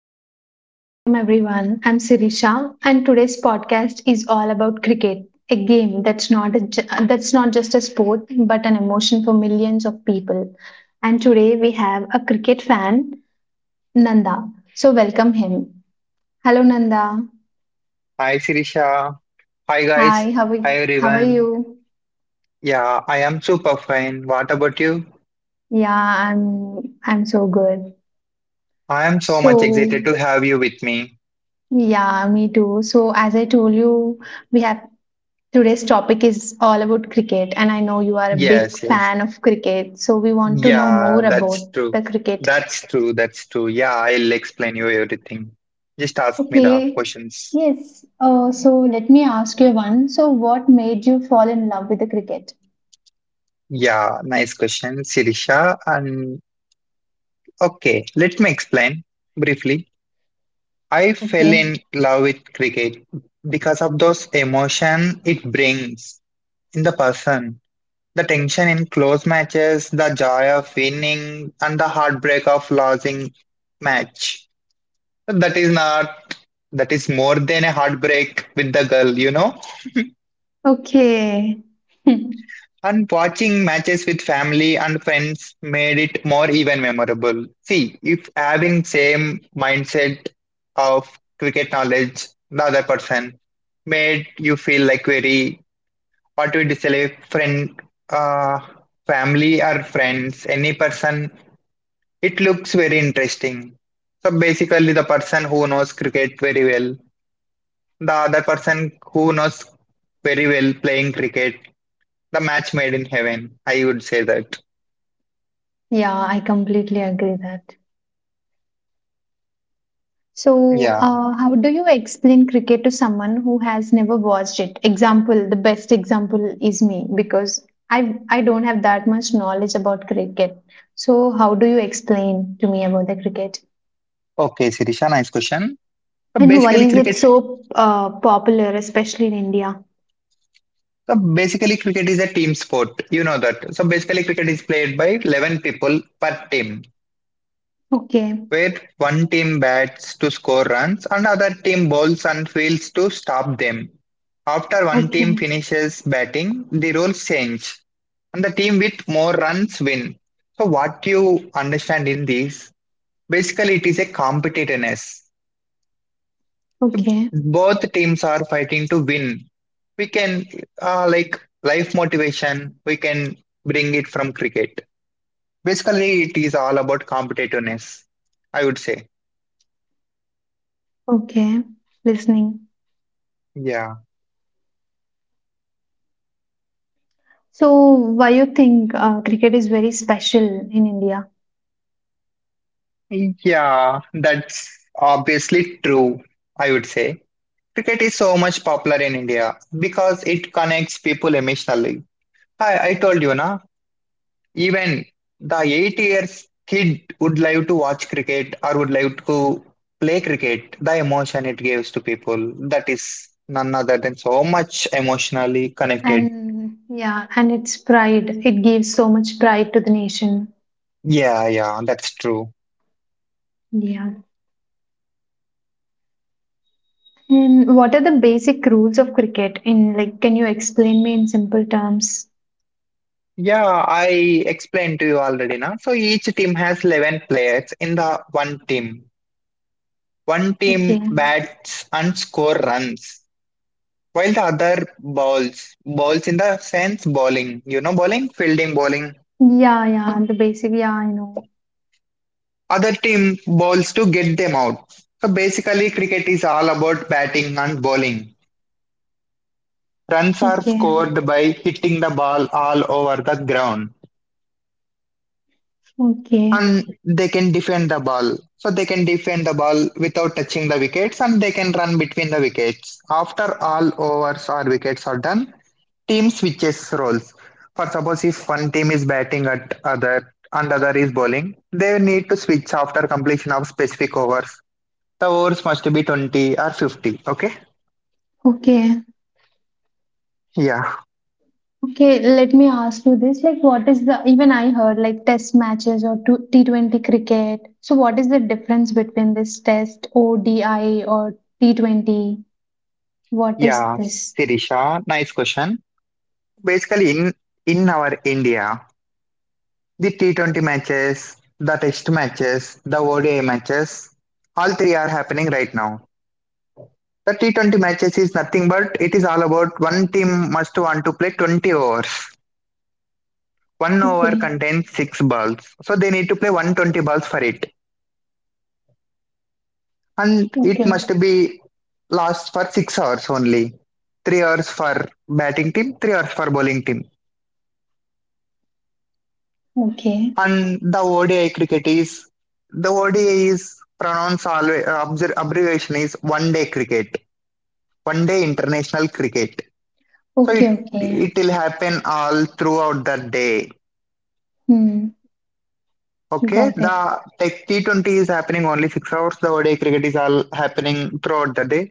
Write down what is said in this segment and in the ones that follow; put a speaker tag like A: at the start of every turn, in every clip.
A: Hello and welcome everyone. I'm Sirisha and today's podcast is all about cricket, a game that's not a, ju- that's not just a sport but an emotion for millions of people. And today we have a cricket fan, Nanda. So welcome him. Hello Nanda.
B: Hi Sirisha. Hi guys.
A: Hi, how are
B: Hi
A: you? How are
B: everyone.
A: you?
B: Yeah, I am super fine. What about you?
A: Yeah, I'm so good.
B: I am so much
A: So
B: excited to have you with me.
A: yeah, me too. So as I told you, we have today's topic is all about cricket, and I know you are a big
B: Yes, yes.
A: fan of cricket, so we want to know
B: Yeah,
A: more about
B: that's true.
A: the cricket.
B: That's true. That's true. Yeah, I'll explain you everything. Just ask me the
A: Okay,
B: questions.
A: yes. So let me ask you one. So, what made you fall in love with the cricket?
B: Yeah, nice question, Sirisha. And okay, let me explain briefly. I fell
A: Okay.
B: in love with cricket because of those emotion it brings in the person. The tension in close matches, the joy of winning, and the heartbreak of losing match. So that is not, that is more than a heartbreak with the girl, you know?
A: Okay.
B: And watching matches with family and friends made it more even memorable. See, if having same mindset of cricket knowledge, the other person made you feel like very what we would say friend, uh, family or friends any person. It looks very interesting. So basically, the person who knows cricket very well, the other person who knows very well playing cricket, the match made in heaven. I would say that.
A: Yeah, I completely agree that. So,
B: Yeah.
A: how do you explain cricket to someone who has never watched it? Example, the best example is me because I don't have that much knowledge about cricket. So, how do you explain to me about the cricket
B: Okay, Sirisha, nice question. So
A: and why
B: basically,
A: is it
B: cricket.
A: so popular, especially in India?
B: So basically, cricket is a team sport. You know that. So basically, cricket is played by 11 people per team,
A: Okay,
B: where one team bats to score runs and other team bowls and fields to stop them. After one team
A: okay,
B: finishes batting, the rules change and the team with more runs win. So what you understand in this, basically it is a competitiveness.
A: okay,
B: Both teams are fighting to win. We can like life motivation, we can bring it from cricket. Basically it is all about competitiveness, I would say.
A: okay. Listening.
B: Yeah.
A: So, why you think cricket is very special in India?
B: Yeah, that's obviously true, I would say. Cricket is so much popular in India because it connects people emotionally. I told you, na, even the 8 years kid would like to watch cricket or would like to play cricket. The emotion it gives to people, that is none other than so much emotionally connected.
A: And yeah, and it's pride. It gives so much pride to the nation.
B: Yeah, yeah, that's true.
A: Yeah. And what are the basic rules of cricket in like can you explain me in simple terms?
B: Yeah, I explained to you already, na. So each team has 11 players in the one team. One team
A: Okay.
B: bats and score runs, while the other bowls. Bowls in the sense bowling, bowling, fielding, bowling.
A: Yeah, yeah, the basic, yeah, I know.
B: Other team bowls to get them out. So basically, cricket is all about batting and bowling. Runs are
A: Okay.
B: scored by hitting the ball all over the ground,
A: Okay.
B: and they can defend the ball. So they can defend the ball without touching the wickets and they can run between the wickets. After all overs or wickets are done, team switches roles. For suppose if one team is batting at other and other is bowling, they need to switch after completion of specific overs. The overs must be 20 or 50. Okay.
A: Okay.
B: Yeah.
A: Okay, let me ask you this. Like what is the even I heard like test matches or T20 cricket. So what is the difference between this test ODI or T20? What is
B: Yeah.
A: this?
B: Sirisha, nice question. Basically, in our India, the T20 matches, the Test matches, the ODI matches, all three are happening right now. The T20 matches is nothing but it is all about one team must want to play 20 overs. One over
A: Okay.
B: contains six balls, so they need to play 120 balls for it, and it
A: Okay.
B: must
A: Okay.
B: be last for 6 hours only. 3 hours for batting team, 3 hours for bowling team,
A: Okay.
B: and the ODI cricket is, the ODI is pronounced always, abbreviation is one day cricket, one day international cricket. So
A: Okay.
B: it
A: Okay.
B: it will happen all throughout the day.
A: Hmm.
B: Okay,
A: Got it.
B: the t20 is happening only 6 hours, the ODI cricket is all happening throughout the day,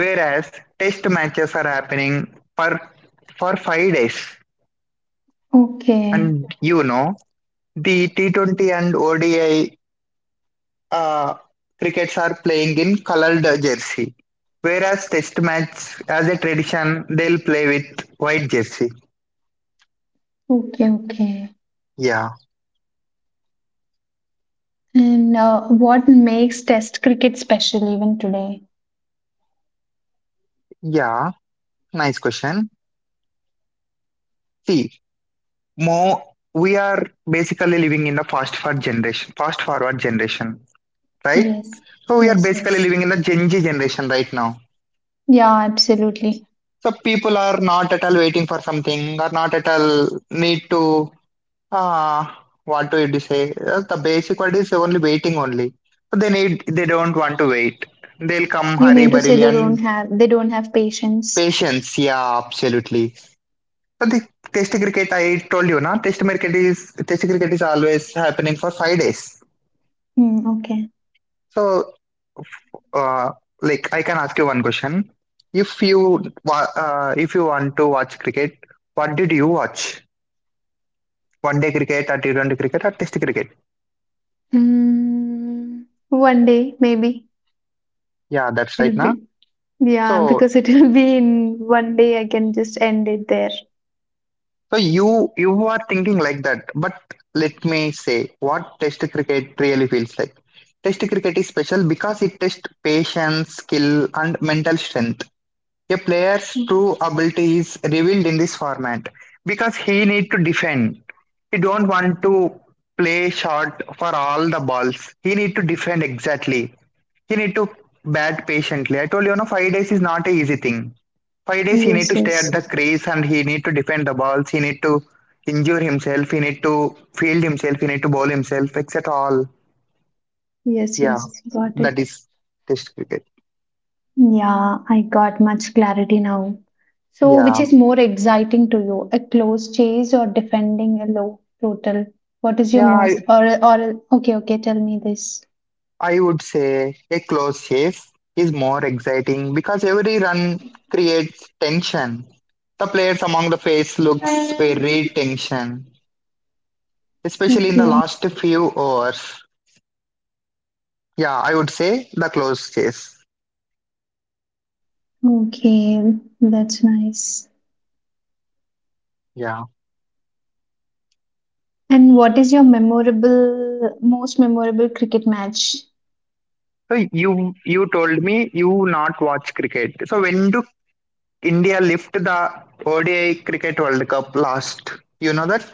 B: whereas test matches are happening for for 5 days.
A: Okay.
B: And you know, the t20 and odi uh, crickets are playing in colored jersey, whereas test match, as a tradition, they'll play with white jersey.
A: Okay, okay.
B: Yeah.
A: And what makes Test cricket special even today?
B: Yeah. Nice question. See, more we are basically living in the fast forward generation, right?
A: Yes,
B: So we are
A: yes,
B: basically
A: yes.
B: living in the Gen Z generation right now.
A: Yeah, absolutely.
B: So people are not at all waiting for something, or not at all need to, uh, what do you say? The basic word is only waiting only. So they need, they don't want to wait. They'll come
A: You
B: hurry
A: mean to say
B: burry
A: they
B: and,
A: don't have patience?
B: patience. Yeah, absolutely. But the Test cricket, I told you, na, Test cricket is always happening for 5 days.
A: Hmm, okay.
B: So, uh, like, I can ask you one question: If you if you want to watch cricket, what did you watch? One day cricket, or T20 cricket, or Test cricket?
A: Mm, one day maybe
B: Yeah, that's
A: it'll
B: right, na.
A: be yeah
B: So,
A: because it'll be in one day I can just end it there.
B: you are thinking like that, but let me say what Test cricket really feels like. Test cricket is special because it tests patience, skill, and mental strength. A player's
A: Mm.
B: true ability is revealed in this format because he need to defend. He don't want to play short for all the balls. He need to defend exactly. He need to bat patiently. I told you, 5 days is not an easy thing. 5 days he need
A: Yes,
B: to stay
A: yes,
B: at the crease and he need to defend the balls. He need to injure himself. He need to field himself. He need to bowl himself, etc. All
A: yes,
B: yeah,
A: yes. Got it.
B: that is Test cricket.
A: Yeah, I got much clarity now. So, which
B: Yeah,
A: is more exciting to you, a close chase or defending a low total? What is your
B: yeah. I,
A: most or okay, okay, tell me this.
B: I would say a close chase is more exciting because every run creates tension. The players among the face looks very tension, especially in the
A: Okay,
B: last few hours. Yeah, I would say the close chase.
A: okay, that's nice.
B: Yeah.
A: And what is your memorable, most memorable cricket match?
B: So you told me you not watch cricket. So when do India lift the ODI Cricket World Cup last? You know that?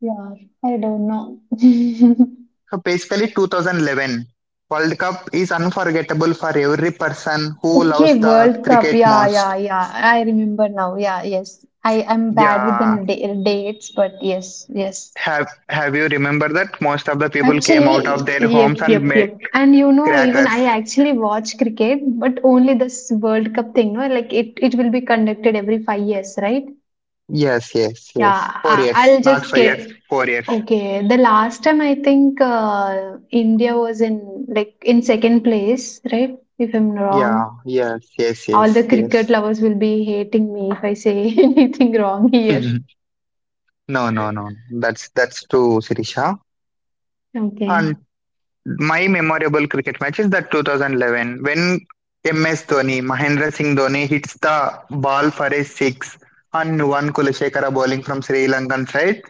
A: Yeah, I don't know.
B: So basically, 2011 World Cup is unforgettable for every person who
A: Okay,
B: loves the
A: World Cup.
B: cricket
A: Yeah,
B: most.
A: yeah, yeah. I remember now. Yeah, yes. I I'm bad with the
B: Yeah,
A: dates, but yes, yes.
B: have you remember that most of the people came out of
A: Actually,
B: their homes
A: yep,
B: and
A: yep,
B: made
A: yep. And you know, even
B: crackers?
A: I actually watch cricket, but only this World Cup thing. No, like it will be conducted every 5 years, right?
B: Yes, yes,
A: Yeah,
B: yes. Four
A: I,
B: years,
A: I'll
B: not
A: just
B: 5 years.
A: get.
B: 4 years.
A: Okay, the last time I think India was in like in second place, right? If I'm not
B: Yeah,
A: wrong.
B: yes, yes,
A: All the
B: yes,
A: cricket
B: yes.
A: lovers will be hating me if I say anything wrong here.
B: no, no, no. That's true, Sirisha.
A: Okay,
B: And my memorable cricket match is that 2011 when MS Dhoni, Mahendra Singh Dhoni hits the ball for a six, and Nuwan Kulashekara bowling from Sri Lankan side.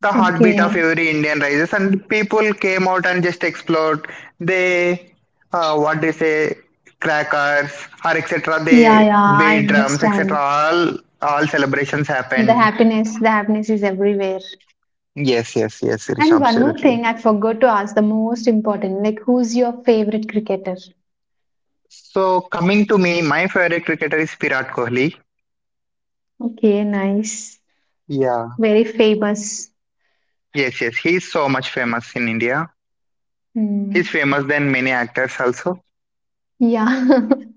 B: The heartbeat of
A: okay.
B: every Indian rises and people came out and just exploded. They, what do you say, crackers or etc.
A: Yeah,
B: They
A: yeah, I
B: beat drums, etc.
A: understand.
B: All celebrations
A: The
B: happen.
A: happiness, the happiness is everywhere.
B: Yes, yes, yes, Rish,
A: And one more
B: absolutely.
A: thing I forgot to ask, the most important, like who's your favorite cricketer?
B: So coming to me, my favorite cricketer is Virat Kohli.
A: Okay, nice.
B: Yeah,
A: Very famous.
B: yes, yes, he is so much famous in India.
A: Hmm.
B: He's famous than many actors also.
A: Yeah.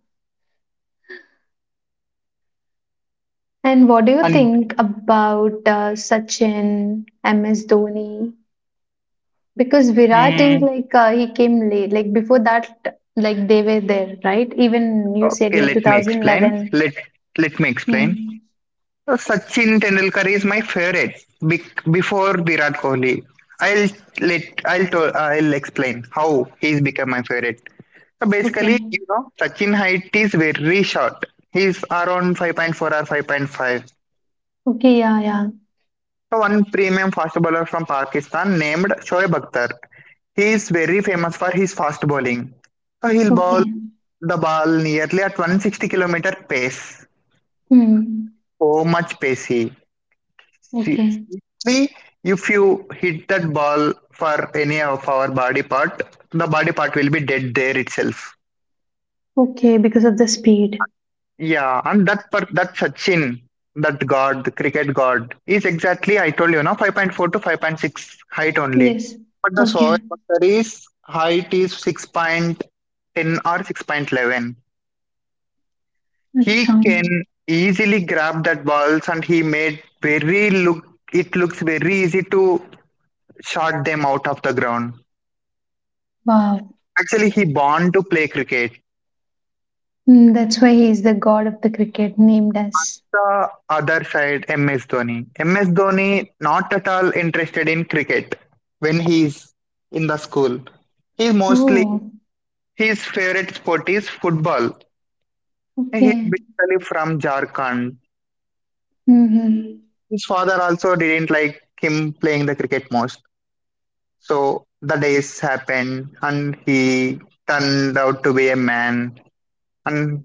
A: And what do you
B: And
A: think about Sachin, MS Dhoni? Because Virat is
B: mm,
A: like he came late. Like before that, like they were there, right? Even you said
B: okay,
A: like
B: let me explain.
A: 2011.
B: Let me explain.
A: Hmm.
B: So Sachin Tendulkar is my favorite before Virat Kohli. I'll let I'll to, I'll explain how he's become my favorite. So
A: Okay.
B: basically, Sachin height is very short. He's around 5.4 or 5.5.
A: Okay. Yeah. Yeah.
B: One premium fast bowler from Pakistan named Shoaib Akhtar. He is very famous for his fast bowling. So he'll
A: Okay.
B: bowl the ball nearly at 160-kilometer pace.
A: Hmm.
B: So much pace he. See,
A: Okay.
B: if you hit that ball for any of our body part, the body part will be dead there itself.
A: Okay. Because of the speed.
B: Yeah, and that Sachin, that god, the cricket god, is exactly I told you now 5.4 to 5.6 height only.
A: Yes.
B: But the Sohail
A: Okay.
B: Akhtar's height is 6.10 or 6.11. He
A: Acha.
B: can easily grab that balls and he made very look, it looks very easy to shot them out of the ground.
A: Wow.
B: Actually, he born to play cricket.
A: Hmm, that's why he is the god of the cricket, named as.
B: The other side, MS Dhoni. MS Dhoni not at all interested in cricket when he's in the school. He's mostly
A: Oh.
B: his favorite sport is football. He's
A: Okay.
B: basically from Jharkhand.
A: Mm-hmm.
B: His father also didn't like him playing the cricket most. So the days happened and he turned out to be a man. And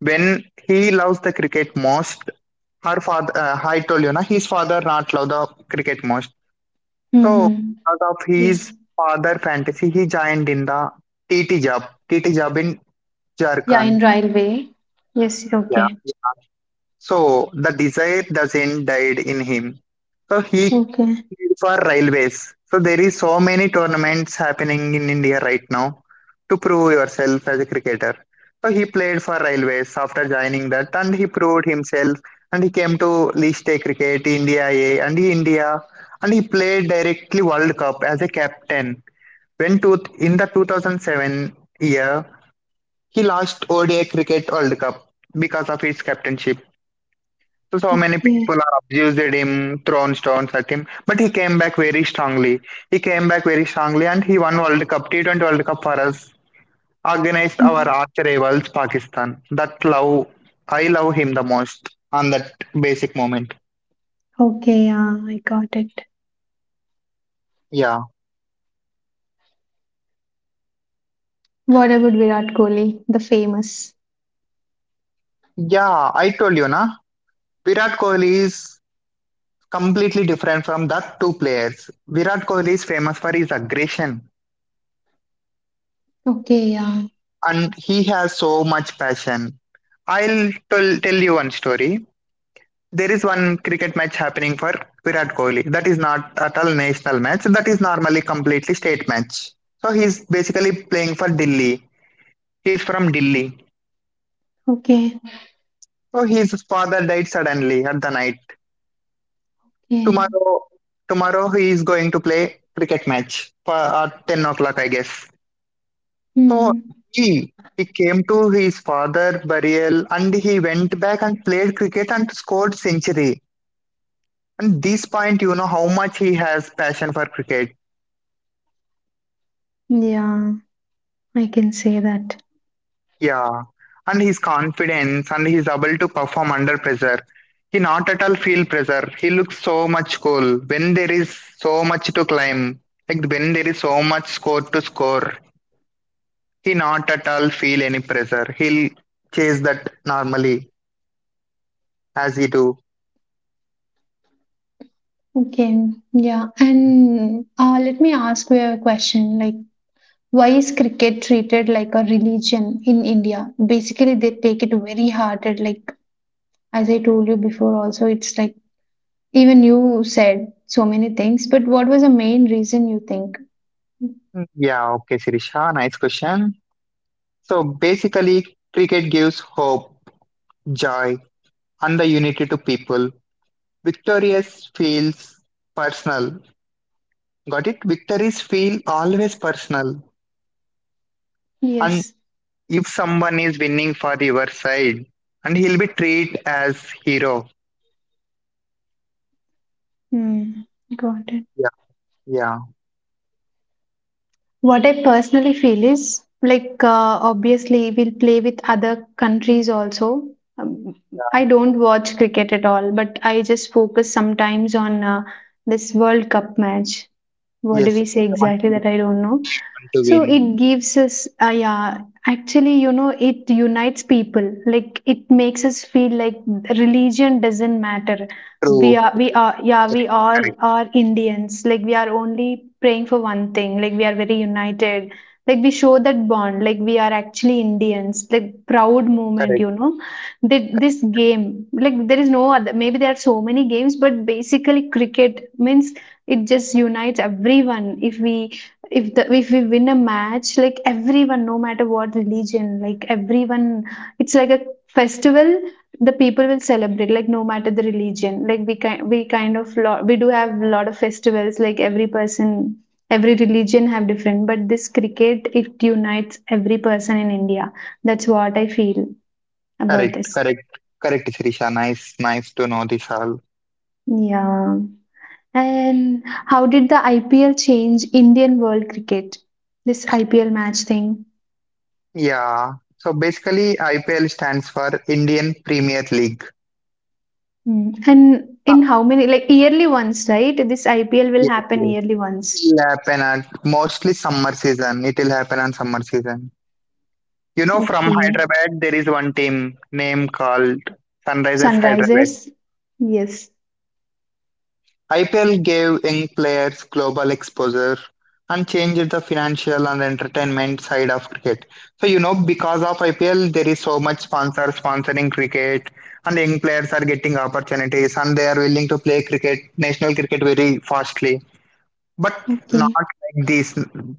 B: when he loves the cricket most, her father, I told you, na, his father not love the cricket most. So,
A: Mm-hmm.
B: because of his
A: Yes.
B: father fantasy, he joined in the T T job, T T job in
A: Yeah. In
B: Jharkhand.
A: railway. Yes. Okay.
B: Yeah. So the desire doesn't died in him. So he
A: Okay.
B: played for railways. So there is so many tournaments happening in India right now to prove yourself as a cricketer. So he played for railways after joining that, and he proved himself. And he came to League A cricket, India A, and India, and he played directly World Cup as a captain. When to, in the 2007 year, he lost ODI Cricket World Cup because of his captainship. So, so many people
A: Okay.
B: are abused him, thrown stones at him, but he came back very strongly. He came back very strongly and he won World Cup, T20 World Cup for us against our arch rivals Pakistan. That love, I love him the most on that basic moment.
A: Okay, yeah, I got it.
B: Yeah,
A: What about Virat Kohli, the famous?
B: yeah, I told you, na. Virat Kohli is completely different from that two players. Virat Kohli is famous for his aggression
A: Okay, yeah.
B: and he has so much passion. I'll tell you one story. There is one cricket match happening for Virat Kohli. That is not at all national match. That is normally completely state match. So he's basically playing for Delhi. He's from Delhi.
A: Okay,
B: So his father died suddenly at the night.
A: okay.
B: Tomorrow, tomorrow he is going to play cricket match for at 10 o'clock, I guess. So
A: Hmm.
B: he came to his father burial and he went back and played cricket and scored century. And this point, you know how much he has passion for cricket.
A: Yeah, I can say that.
B: Yeah. And his confidence and he's able to perform under pressure. He not at all feel pressure. He looks so much cool when there is so much to climb. Like when there is so much score to score, he not at all feel any pressure. He'll chase that normally as he do.
A: Okay. Yeah. And let me ask you a question. Like, why is cricket treated like a religion in India? Basically, they take it very hard. And like, as I told you before, also, it's like even you said so many things. But what was the main reason you think?
B: Yeah, okay, Sirisha, nice question. So basically, cricket gives hope, joy, and the unity to people. Victorious feels personal. Got it? Victories feel always personal. And
A: Yes.
B: if someone is winning for your side, and he'll be treated as hero.
A: Hmm. Got it.
B: Yeah, yeah,
A: What I personally feel is like obviously we'll play with other countries also. Um, I
B: yeah.
A: don't watch cricket at all, but I just focus sometimes on this World Cup match. What do
B: Yes.
A: we say
B: I want to
A: exactly that
B: win.
A: I don't know.
B: Want to
A: So
B: win.
A: it gives us, yeah, actually, you know, it unites people. Like it makes us feel like religion doesn't matter.
B: True.
A: We are, yeah,
B: Correct.
A: we all
B: Correct.
A: are Indians. Like we are only praying for one thing. Like we are very united. Like we show that bond. Like we are actually Indians. Like proud moment,
B: Correct.
A: you know. That this game, like there is no other. Maybe there are so many games, but basically cricket means it just unites everyone. If we win a match like everyone no matter what religion like everyone it's like a festival the people will celebrate like no matter the religion like we kind of lot we do have a lot of festivals like every person every religion have different but this cricket it unites every person in india that's what I feel about
B: Correct.
A: this
B: Correct. Correct, Sirisha. Nice. Nice to know this all.
A: yeah and how did the ipl change indian world cricket this ipl match thing.
B: Yeah. So basically, IPL stands for Indian Premier League.
A: Mm. And in
B: Ah,
A: how many, like yearly once, right? This IPL will
B: Yes,
A: happen
B: yes.
A: yearly once.
B: It'll happen at mostly summer season. It will happen on summer season. You know, from
A: Okay.
B: Hyderabad, there is one team name called Sunrisers Hyderabad.
A: Sunrisers? Yes.
B: IPL gave young players global exposure and changed the financial and entertainment side of cricket. So, you know, because of IPL, there is so much sponsor sponsoring cricket, and young players are getting opportunities and they are willing to play cricket, national cricket, very fastly. But not
A: Okay.
B: like this.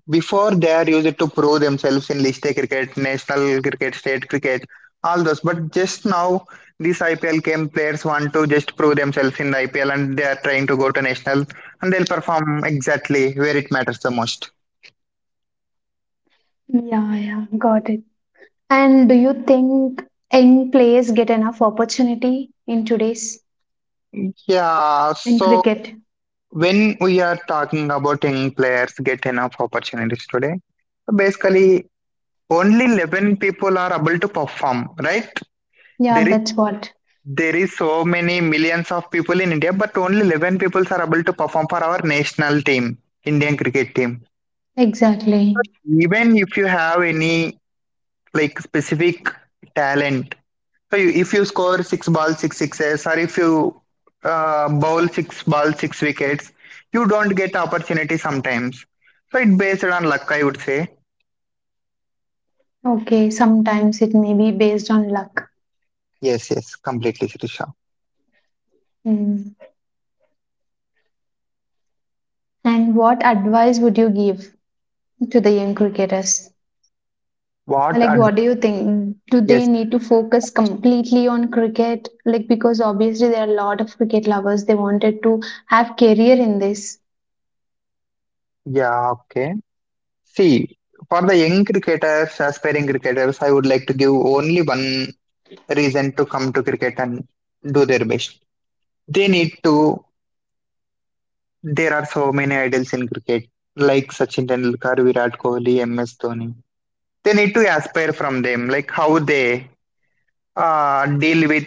B: Before they are used to prove themselves in List A cricket, national cricket, state cricket, all those. But just now, this IPL came, players want to just prove themselves in the IPL and they are trying to go to national and they'll perform exactly where it matters the most.
A: Yeah, yeah, got it. And do you think young players get enough opportunity in today's?
B: Yeah,
A: In
B: so
A: cricket?
B: when we are talking about young players get enough opportunities today, basically only 11 people are able to perform, right?
A: Yeah,
B: There
A: that's what.
B: There is so many millions of people in India, but only 11 people are able to perform for our national team, Indian cricket team.
A: Exactly.
B: Even if you have any like specific talent, so you, if you score six balls, six sixes, or if you bowl six balls, six wickets, you don't get opportunity sometimes. So it based on luck, I would say.
A: Okay, sometimes it may be based on luck.
B: Yes, yes, completely, Srisha.
A: Mm. And what advice would you give to the young cricketers?
B: What?
A: Like,
B: Ad-
A: what do you think? Do they
B: yes,
A: need to focus completely on cricket? Like, because obviously there are a lot of cricket lovers. They wanted to have career in this.
B: yeah, okay. See, for the young cricketers, aspiring cricketers, I would like to give only one reason to come to cricket and do their best. They need to, there are so many idols in cricket, like Sachin Tendulkar, Virat Kohli, MS Dhoni. They need to aspire from them, like how they deal with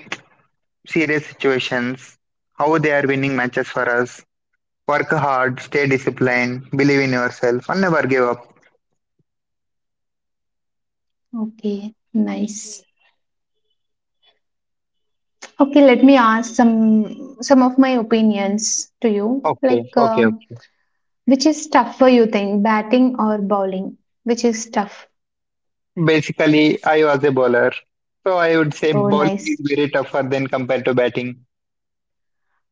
B: serious situations, how they are winning matches for us. Work hard, stay disciplined, believe in yourself, and never give up.
A: Okay, nice. Okay, let me ask some of my opinions to you.
B: Okay,
A: Like,
B: okay,
A: which is tougher you think, batting or bowling? Which is tough?
B: basically, I was a bowler. So I would say
A: Oh,
B: bowling is
A: nice.
B: very tougher than compared to batting.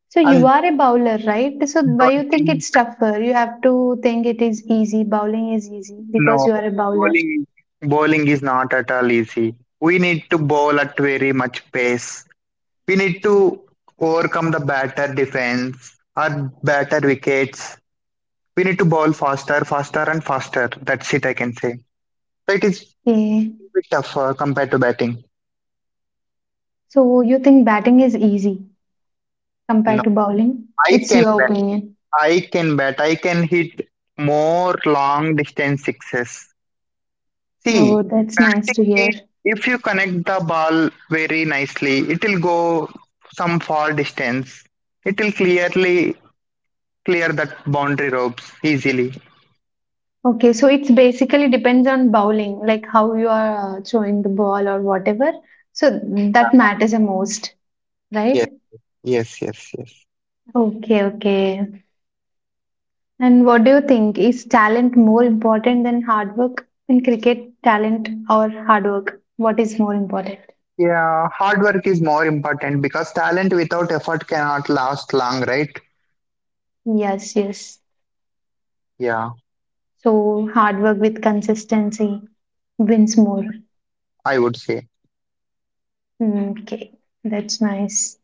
A: So you
B: And
A: are a bowler, right? So why
B: don't
A: you think
B: think,
A: it's tougher? You have to think it is easy. Bowling is easy because
B: no,
A: you are a bowler.
B: bowling, bowling is not at all easy. We need to bowl at very much pace. We need to overcome the batter defense or batter wickets. We need to bowl faster, faster, and faster. That's it, I can say. So it is a
A: Okay.
B: bit tougher compared to batting.
A: So you think batting is easy
B: No,
A: compared to bowling?
B: I
A: It's
B: can.
A: your opinion.
B: I can bet I can hit more long distance sixes.
A: Oh,
B: See,
A: that's nice to
B: practically,
A: hear.
B: if you connect the ball very nicely, it will go some far distance. It will clearly clear that boundary ropes easily.
A: Okay, so it's basically depends on bowling, like how you are throwing the ball or whatever. So that matters the most,
B: Yes,
A: right?
B: yes, yes, yes.
A: Okay, okay. And what do you think? Is talent more important than hard work in cricket? Talent or hard work? What is more important?
B: Yeah, hard work is more important because talent without effort cannot last long, right?
A: Yes, yes.
B: Yeah,
A: So hard work with consistency wins more.
B: I would say.
A: Mm, okay, that's nice.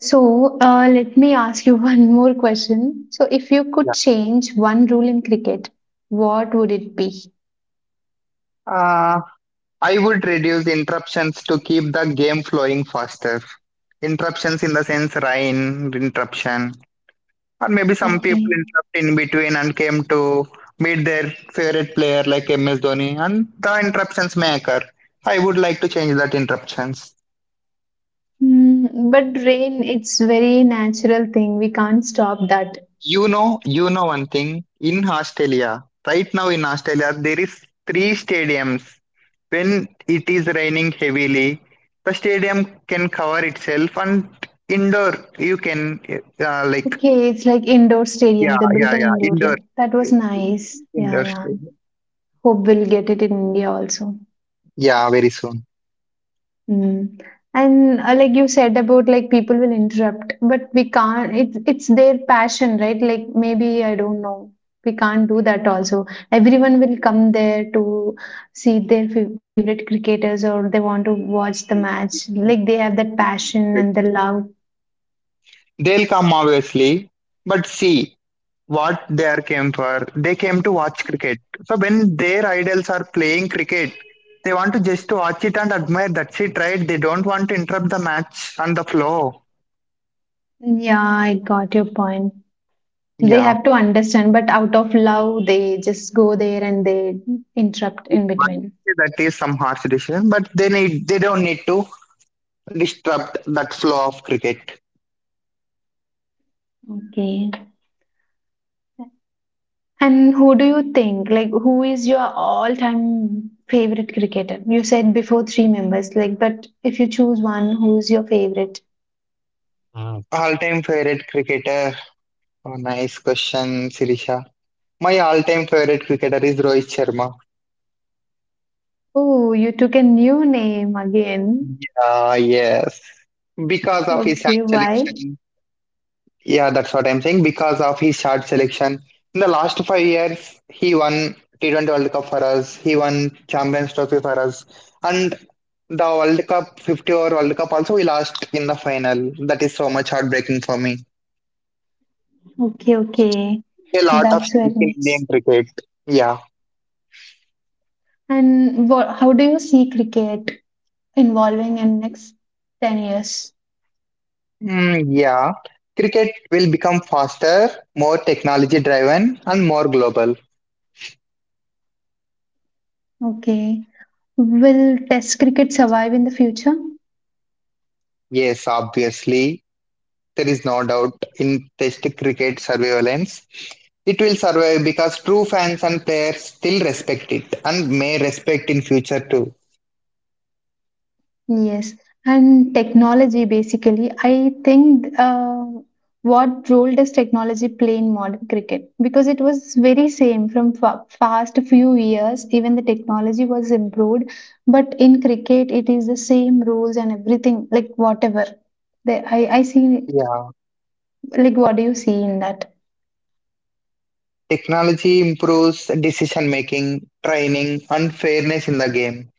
A: So, let me ask you one more question. So, if you
B: Yeah.
A: could change one rule in cricket, what would it be?
B: Uh, I would reduce interruptions to keep the game flowing faster. Interruptions in the sense rain interruption, or maybe some people
A: Okay.
B: interrupt in between and came to meet their favorite player like MS Dhoni, and the interruptions may occur. I would like to change that interruptions.
A: Mm, but rain, it's very natural thing. We can't stop that.
B: You know one thing. In Australia, right now in Australia, there is three stadiums. When it is raining heavily, the stadium can cover itself, and indoor you can like
A: Okay, it's like indoor
B: yeah,
A: stadium. They built
B: yeah,
A: an
B: yeah,
A: indoor
B: indoor,
A: one. That was nice. Yeah,
B: indoor
A: yeah.
B: stadium.
A: Hope we'll get it in India also.
B: Yeah, very soon.
A: Mm. And like you said about like people will interrupt, but we can't. It's their passion, right? Like maybe I don't know. We can't do that also. Everyone will come there to see their f favorite cricketers or they want to watch the match. Like they have that passion and the love.
B: They'll come obviously, but see, what they are came for. They came to watch cricket. So when their idols are playing cricket, they want to just to watch it and admire. That's it, right? They don't want to interrupt the match and the flow.
A: Yeah, I got your point. They
B: Yeah,
A: have to understand, but out of love, they just go there and they interrupt in between.
B: that is some harsh decision, but they need they don't need to disrupt that flow of cricket.
A: Okay. And who do you think, like, who is your all-time favorite cricketer? You said before three members, like, but if you choose one, who's your favorite?
B: All-time favorite cricketer. Oh, nice question, Sirisha. My all-time favorite cricketer is Rohit Sharma.
A: Oh, you took a new name again.
B: Yes, because of his
A: Okay, why?
B: selection. Yeah, that's what I'm saying. Because of his shot selection, in the last 5 years, he won T20 World Cup for us. He won Champions Trophy for us, and the World Cup 50 over World Cup also we lost in the final. That is so much heartbreaking for me.
A: Okay, okay.
B: A lot of
A: That's very
B: changes in
A: nice.
B: Indian cricket. Yeah,
A: And what, how do you see cricket evolving in next 10 years?
B: mm, yeah. Cricket will become faster, more technology driven, and more global.
A: Okay. Will Test cricket survive in the future?
B: Yes, obviously. There is no doubt in Test cricket surveillance. It will survive because true fans and players still respect it and may respect in future too.
A: Yes, and technology basically, I think what role does technology play in modern cricket? Because it was very same from fa fast few years, even the technology was improved, but in cricket it is the same rules and everything, like whatever. The, I see
B: Yeah.
A: like what do you see in that?
B: Technology improves decision making, training, and fairness in the game.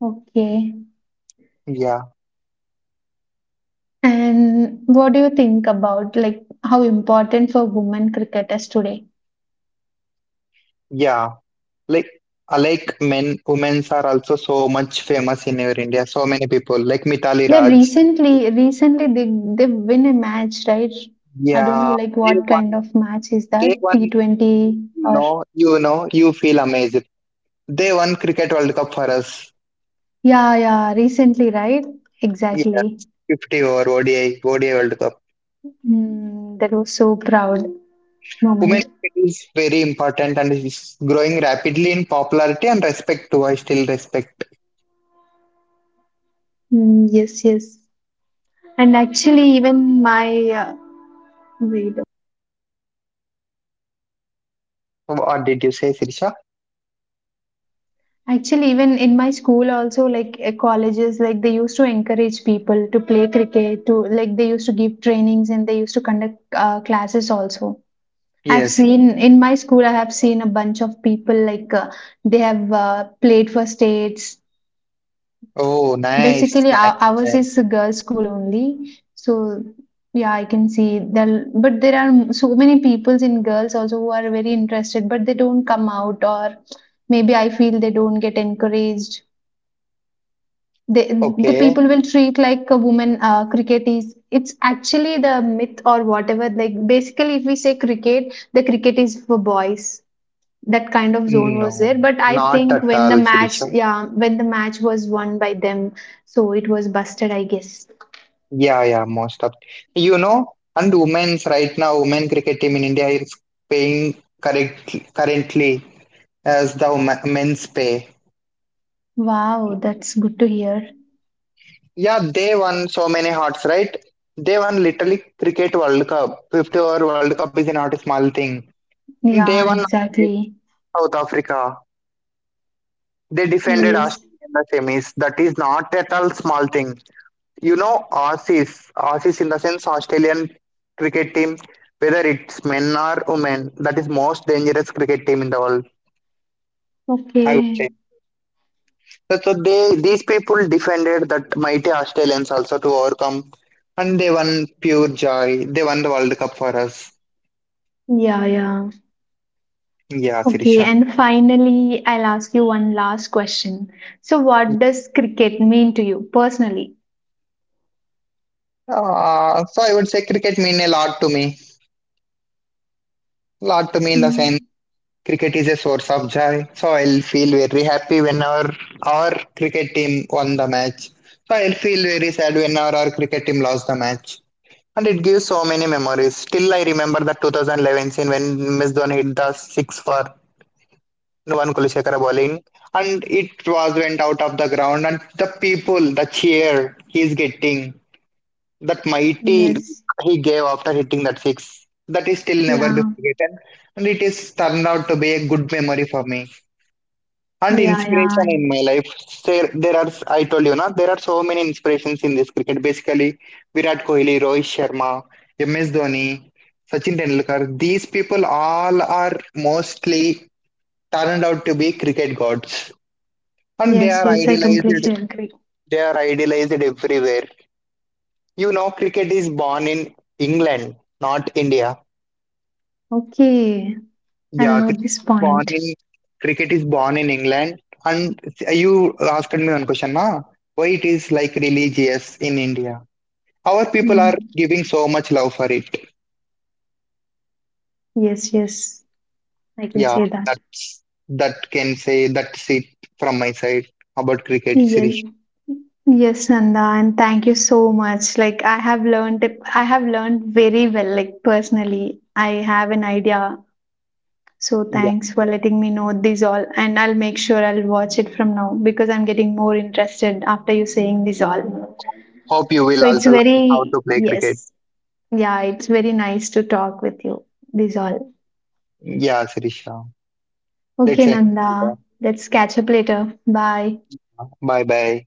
A: Okay.
B: Yeah.
A: And what do you think about like how important for women cricket is today?
B: Yeah. Like alike men, women are also so much famous in our India. So many people like Mitali
A: Yeah,
B: Raj.
A: recently they win a match, right? I don't know
B: Yeah.
A: like
B: They
A: what kind
B: won.
A: of match is
B: They
A: that?
B: won.
A: T20
B: You
A: or
B: know. You know. You feel amazed. They won cricket World Cup for us.
A: yeah, yeah, recently, right?
B: Yeah,
A: Exactly.
B: 50 over ODI, ODI World Cup.
A: Mm, that was so proud
B: Women
A: moment.
B: cricket is very important and is growing rapidly in popularity and respect too. I still respect.
A: Mm, yes, yes. And actually, even my uh, wait,
B: What did you say, Sirisha?
A: actually, even in my school also, like colleges, like they used to encourage people to play cricket. To like they used to give trainings and they used to conduct classes also I've
B: Yes.
A: seen in my school, I have seen a bunch of people like they have played for states.
B: Oh, nice,
A: Basically,
B: nice,
A: ours is
B: nice.
A: a girls' school only. So, yeah, I can see that. But there are so many people in girls also who are very interested, but they don't come out, or maybe I feel they don't get encouraged. They, the
B: Okay.
A: people will treat like a woman cricket is it's actually the myth or whatever like basically if we say cricket the cricket is for boys that kind of zone
B: No,
A: was there but I
B: not
A: think
B: at
A: when the
B: all,
A: match
B: Sirisha.
A: yeah when the match was won by them so it was busted I guess.
B: Yeah, yeah, most of. You know, and women's right now, women cricket team in India is paying correct currently as the ma- men's pay.
A: Wow, that's good to hear.
B: Yeah, they won so many hearts, right? They won literally cricket World Cup. 50 over World Cup is not a small thing. They won
A: Yeah,
B: against
A: exactly.
B: South Africa. They defended
A: Yes.
B: Aussies in the semis. That is not at all small thing. You know, Aussies, Aussies in the sense Australian cricket team, whether it's men or women, that is most dangerous cricket team in the world. I would say.
A: Okay,
B: So, so they these people defended that mighty Australians also to overcome, and they won pure joy. They won the World Cup for us.
A: yeah, yeah.
B: Yeah,
A: Okay,
B: Sirisha.
A: and finally I'll ask you one last question so what does cricket mean to you personally.
B: So I would say cricket mean a lot to me. Lot to me in the sense
A: Mm,
B: cricket is a source of joy. So I'll feel very happy when our cricket team won the match. So I'll feel very sad when our cricket team lost the match. And it gives so many memories. Still I remember that 2011 scene when Miss Dhoni hit the six for one Kulishekara bowling, and it was went out of the ground, and the people, the cheer he's getting, that mighty
A: yes,
B: he gave after hitting that six, that is still never be
A: yeah,
B: forgotten, and it is turned out to be a good memory for me and
A: yeah, yeah,
B: inspiration
A: I
B: in my
A: understand.
B: life. There are I told you na there are so many inspirations in this cricket. Basically, Virat Kohli, Rohit Sharma, MS Dhoni, Sachin Tendulkar. These people all are mostly turned out to be cricket gods and
A: Yes, yes, I completely agree.
B: they are idealized everywhere. You know cricket is born in England, not India.
A: Okay, I'll
B: Yeah
A: note
B: cricket
A: this
B: is born
A: point.
B: in cricket is born in England. And you asked me one question na, why it is like religious in India. Our people are
A: Mm.
B: giving so much love for it.
A: Yes, yes, I can
B: Yeah,
A: say that.
B: that's that can say that's it from my side about cricket
A: Yes,
B: Sirish.
A: yes, Nanda, and thank you so much. Like I have learned very well. Like personally, I have an idea. So
B: Yeah
A: thanks for letting me know this all, and I'll make sure I'll watch it from now because I'm getting more interested after you saying this all.
B: hope you will
A: So it's
B: also learn how
A: very
B: to play cricket.
A: yes, yeah, it's very nice to talk with you. This all.
B: Yeah Sirisha, let's
A: Okay,
B: end.
A: Nanda. Let's catch up later. Bye.
B: Bye bye.